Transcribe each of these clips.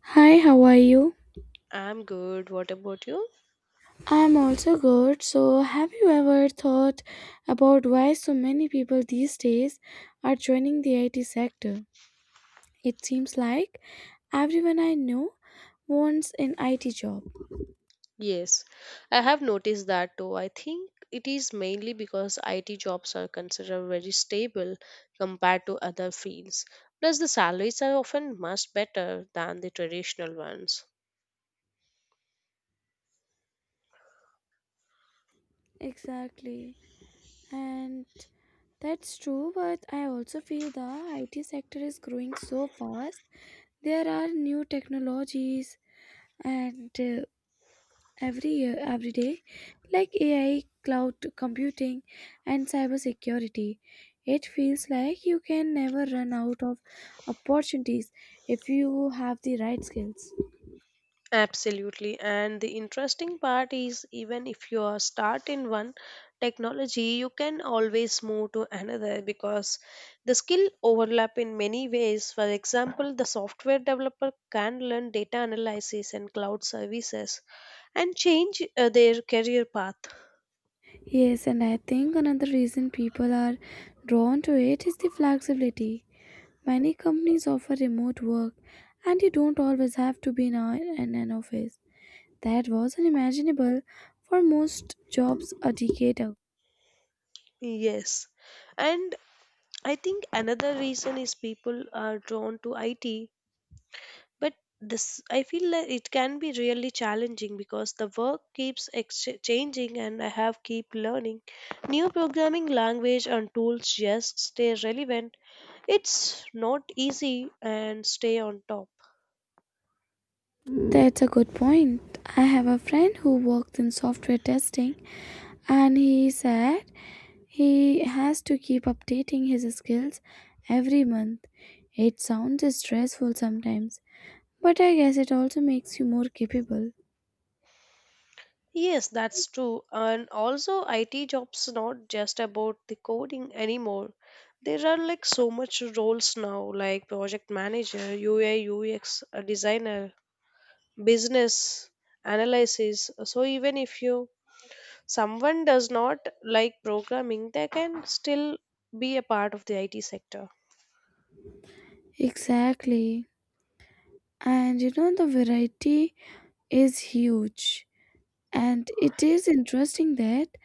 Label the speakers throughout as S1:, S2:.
S1: Hi, how are you?
S2: I'm good. What about you?
S1: I'm also good. So, have you ever thought about why so many people these days are joining the IT sector? It seems like everyone I know wants an IT job.
S2: Yes, I have noticed that too. I think it is mainly because IT jobs are considered very stable compared to other fields. Plus, the salaries are often much better than the traditional ones.
S1: Exactly. And that's true, but I also feel the IT sector is growing so fast. There are new technologies and every year every day like AI, cloud computing, and cybersecurity. It feels like you can never run out of opportunities if you have the right skills.
S2: Absolutely. And the interesting part is even if you are start in one technology, you can always move to another because the skill overlap in many ways. For example, the software developer can learn data analysis and cloud services and change their career path.
S1: Yes, and I think another reason people are drawn to it is the flexibility. Many companies offer remote work, and you don't always have to be in an office. That was unimaginable for most jobs a decade ago.
S2: Yes. And I think another reason is people are drawn to IT, but this, I feel like it can be really challenging because the work keeps changing and I have keep learning new programming language and tools just stay relevant. It's not easy and stay on top.
S1: That's a good point. I have a friend who works in software testing, and he said he has to keep updating his skills every month. It sounds stressful sometimes, but I guess it also makes you more capable.
S2: Yes, that's true. And also, it jobs not just about the coding anymore. There are like so much roles now, like project manager, ui ux designer, business analysis. So even if you, someone does not like programming, they can still be a part of the IT sector.
S1: Exactly. And you know, the variety is huge. And it is interesting that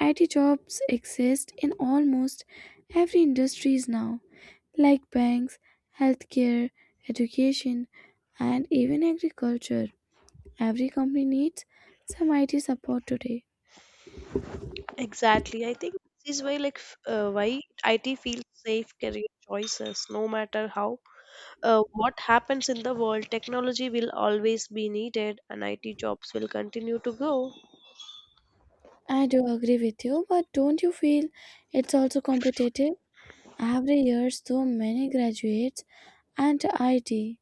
S1: IT jobs exist in almost every industries now, like banks, healthcare, education, and even agriculture. Every company needs some IT support today.
S2: Exactly. I think this is why like why IT feels safe career choices no matter how, what happens in the world, technology will always be needed and IT jobs will continue to grow.
S1: I do agree with you, but don't you feel it's also competitive? Every year, so many graduates and IT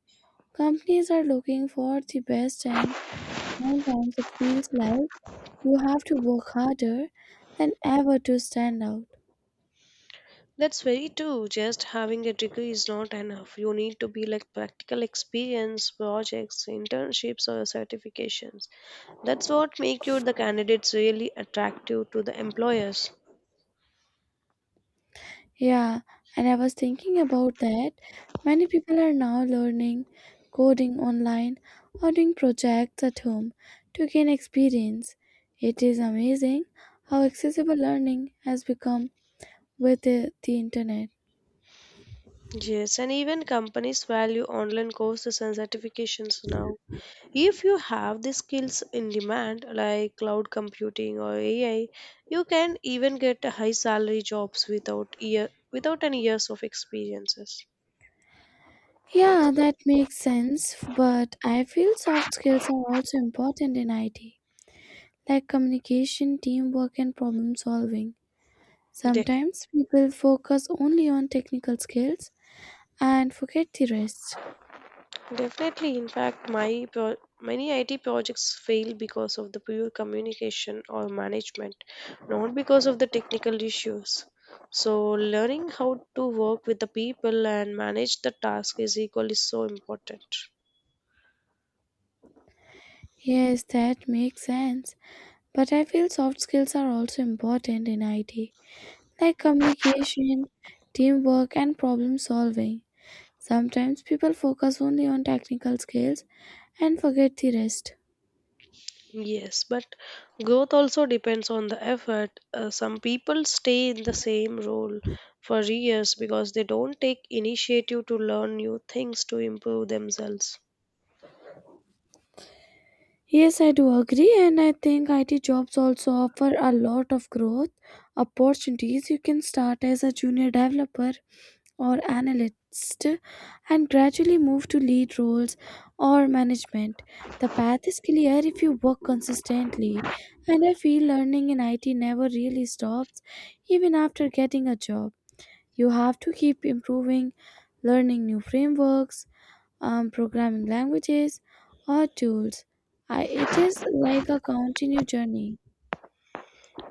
S1: companies are looking for the best, and sometimes it feels like you have to work harder than ever to stand out.
S2: That's very true. Just having a degree is not enough. You need to be like practical experience, projects, internships, or certifications. That's what make you the candidates really attractive to the employers.
S1: Yeah, and I was thinking about that. Many people are now learning coding online or doing projects at home to gain experience. It is amazing how accessible learning has become with the internet.
S2: Yes, and even companies value online courses and certifications now. If you have the skills in demand like cloud computing or AI, you can even get a high salary jobs without year without any years of experiences.
S1: Yeah, that makes sense, but I feel soft skills are also important in IT, like communication, teamwork, and problem solving. Sometimes people focus only on technical skills and forget the rest.
S2: Definitely, in fact, many IT projects fail because of the poor communication or management, not because of the technical issues. So, learning how to work with the people and manage the task is equally so important.
S1: Yes, that makes sense. But I feel soft skills are also important in IT, like communication, teamwork, and problem solving. Sometimes people focus only on technical skills and forget the rest.
S2: Yes, but growth also depends on the effort. Some people stay in the same role for years because they don't take initiative to learn new things to improve themselves.
S1: Yes, I do agree, and I think IT jobs also offer a lot of growth opportunities. You can start as a junior developer or analyst and gradually move to lead roles or management. The path is clear if you work consistently, and I feel learning in IT never really stops even after getting a job. You have to keep improving, learning new frameworks, programming languages, or tools. It is like a continued journey.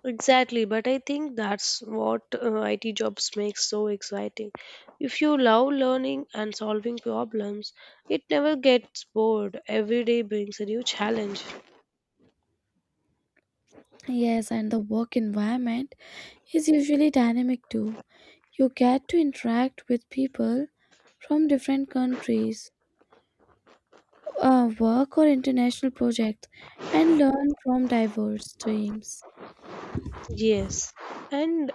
S2: Exactly, but I think that's what IT jobs makes so exciting. If you love learning and solving problems, it never gets bored. Every day brings a new challenge.
S1: Yes, and the work environment is usually dynamic too. You get to interact with people from different countries, work or international projects, and learn from diverse teams.
S2: Yes, and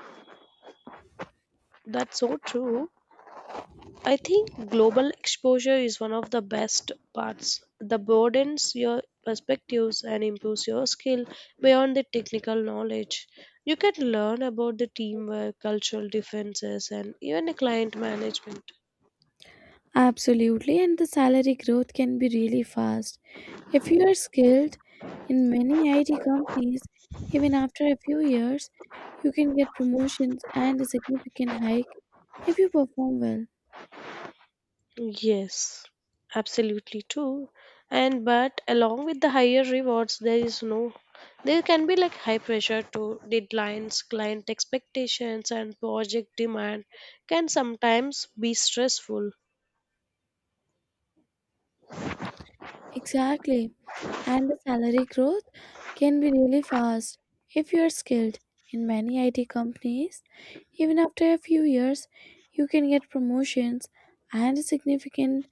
S2: that's so true. I think global exposure is one of the best parts. The broadens your perspectives and improves your skill beyond the technical knowledge. You can learn about the teamwork, cultural differences, and even the client management.
S1: Absolutely, and the salary growth can be really fast. If you are skilled in many IT companies, even after a few years, you can get promotions and a significant hike if you perform well.
S2: Yes, absolutely true. And but along with the higher rewards, there is no, there can be like high pressure to deadlines, client expectations, and project demand can sometimes be stressful.
S1: Exactly. And the salary growth can be really fast if you are skilled. In many IT companies, even after a few years, you can get promotions and a significant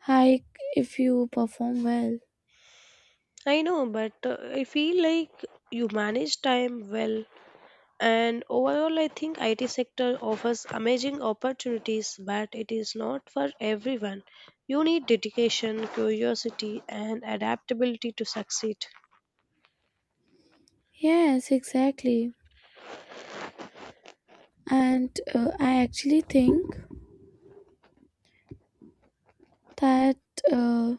S1: hike if you perform well.
S2: I know, but I feel like you manage time well. And overall, I think IT sector offers amazing opportunities, but it is not for everyone. You need dedication, curiosity, and adaptability to succeed.
S1: Yes, exactly. And I actually think that uh,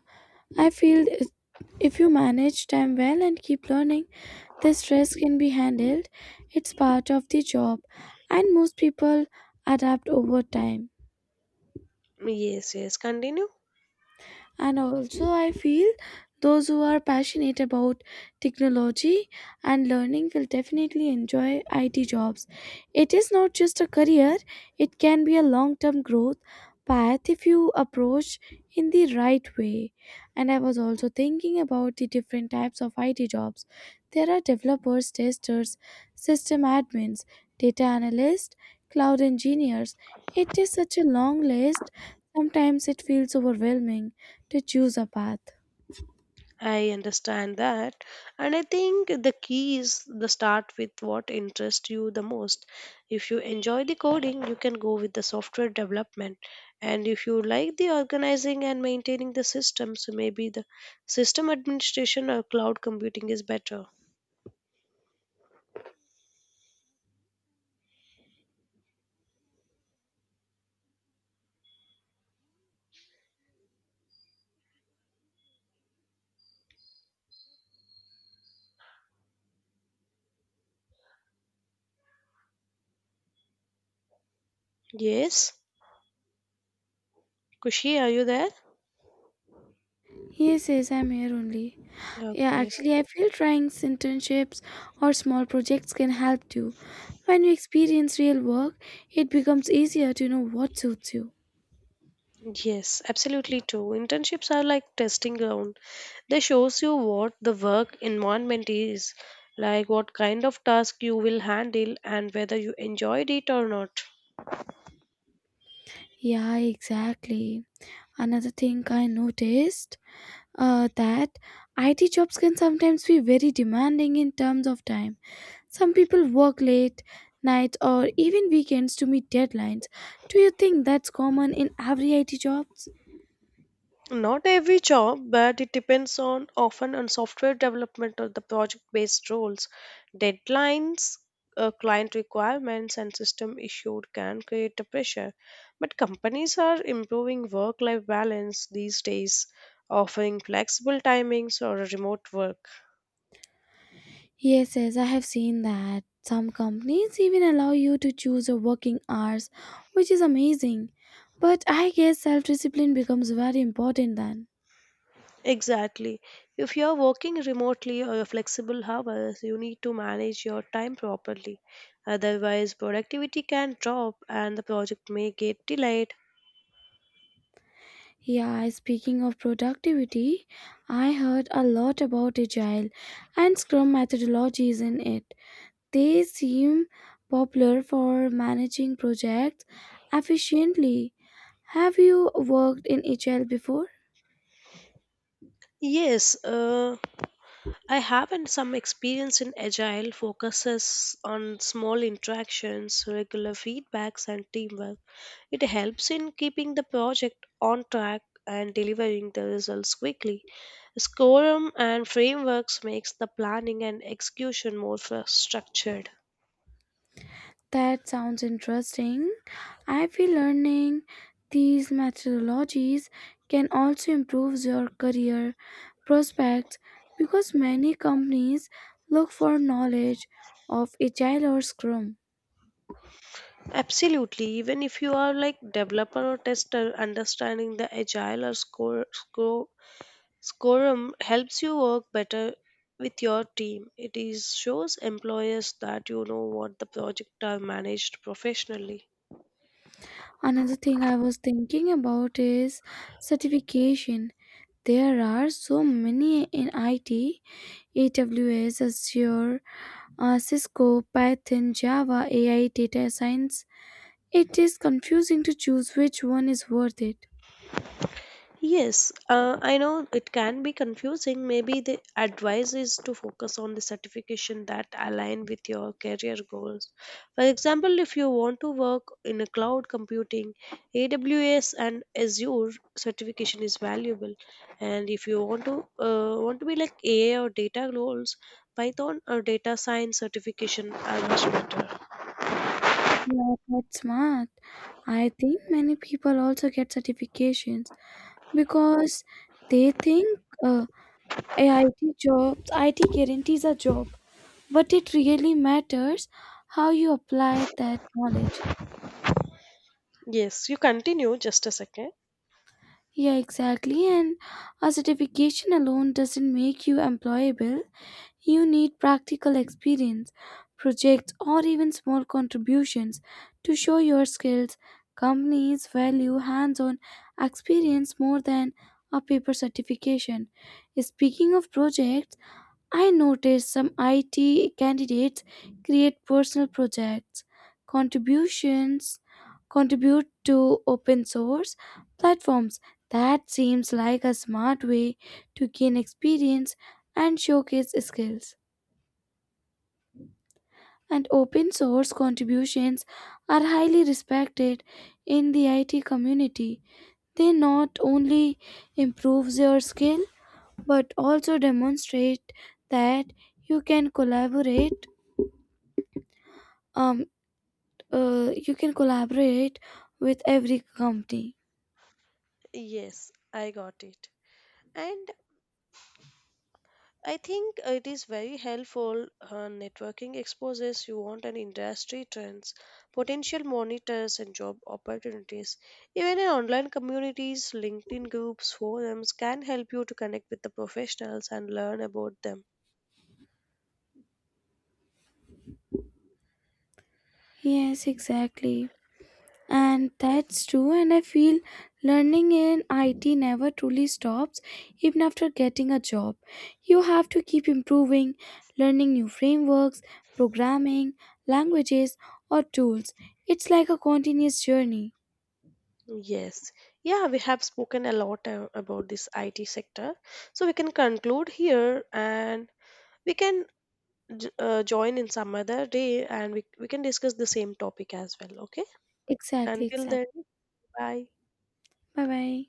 S1: I feel it- If you manage time well and keep learning, the stress can be handled. It's part of the job, and most people adapt over time.
S2: Yes, yes, continue.
S1: And also, I feel those who are passionate about technology and learning will definitely enjoy IT jobs. It is not just a career, it can be a long term growth path if you approach in the right way. And I was also thinking about the different types of IT jobs. There are developers, testers, system admins, data analysts, cloud engineers. It is such a long list. Sometimes it feels overwhelming to choose a path.
S2: I understand that. And I think the key is the start with what interests you the most. If you enjoy the coding, you can go with the software development. And if you like the organizing and maintaining the system, so maybe the system administration or cloud computing is better. Yes. Kushi, are you there?
S1: He says, I'm here only. Yeah,
S2: Okay.
S1: actually, I feel trying internships or small projects can help too. When you experience real work, it becomes easier to know what suits you.
S2: Yes, absolutely too. Internships are like testing ground. They shows you what the work environment is, like what kind of task you will handle and whether you enjoyed it or not.
S1: Yeah, exactly. Another thing I noticed that IT jobs can sometimes be very demanding in terms of time. Some people work late, nights, or even weekends to meet deadlines. Do you think that's common in every IT job?
S2: Not every job, but it depends on often on software development or the project based roles. Deadlines, client requirements, and system issues can create a pressure. But companies are improving work life balance these days, offering flexible timings or remote work.
S1: Yes, yes, I have seen that. Some companies even allow you to choose your working hours, which is amazing. But I guess self discipline becomes very important then.
S2: Exactly. If you're working remotely or your flexible hours, you need to manage your time properly. Otherwise, productivity can drop and the project may get delayed.
S1: Yeah, speaking of productivity, I heard a lot about Agile and Scrum methodologies in it. They seem popular for managing projects efficiently. Have you worked in Agile before?
S2: Yes, I have and some experience in Agile focuses on small interactions, regular feedbacks, and teamwork. It helps in keeping the project on track and delivering the results quickly. Scorum and frameworks makes the planning and execution more structured.
S1: That sounds interesting. I feel learning these methodologies can also improve your career prospects because many companies look for knowledge of Agile or Scrum.
S2: Absolutely, even if you are like developer or tester, understanding the agile or score, score scorum helps you work better with your team. It is shows employers that you know what the project are managed professionally.
S1: Another thing I was thinking about is certification. There are so many in IT, AWS, Azure, Cisco, Python, Java, AI, data science. It is confusing to choose which one is worth it.
S2: Yes, I know it can be confusing. Maybe the advice is to focus on the certification that align with your career goals. For example, if you want to work in a cloud computing, AWS and Azure certification is valuable. And if you want to be like AI or data roles, Python or data science certification are much better.
S1: Yeah, that's smart. I think many people also get certifications because they think uh, IT jobs, IT guarantees a job, but it really matters how you apply that knowledge.
S2: Yes, you continue just a second.
S1: Yeah, exactly. And a certification alone doesn't make you employable. You need practical experience, projects, or even small contributions to show your skills. Companies value hands on experience more than a paper certification. Speaking of projects, I noticed some IT candidates create personal projects, contributions, contribute to open source platforms. That seems like a smart way to gain experience and showcase skills. And open source contributions are highly respected in the IT community. They not only improves your skill but also demonstrate that you can collaborate um, uh, you can collaborate with every company.
S2: Yes, I got it. And I think it is very helpful. Networking exposes you want an industry trends, potential monitors, and job opportunities. Even in online communities, LinkedIn groups, forums can help you to connect with the professionals and learn about them.
S1: Yes, exactly. And that's true. And I feel learning in IT never truly stops, even after getting a job. You have to keep improving, learning new frameworks, programming, languages, or tools. It's like a continuous journey.
S2: Yes, yeah, we have spoken a lot about this IT sector, so we can conclude here and we can join in some other day and we can discuss the same topic as well. Okay,
S1: Exactly,
S2: until then,
S1: exactly.
S2: bye.
S1: Bye bye.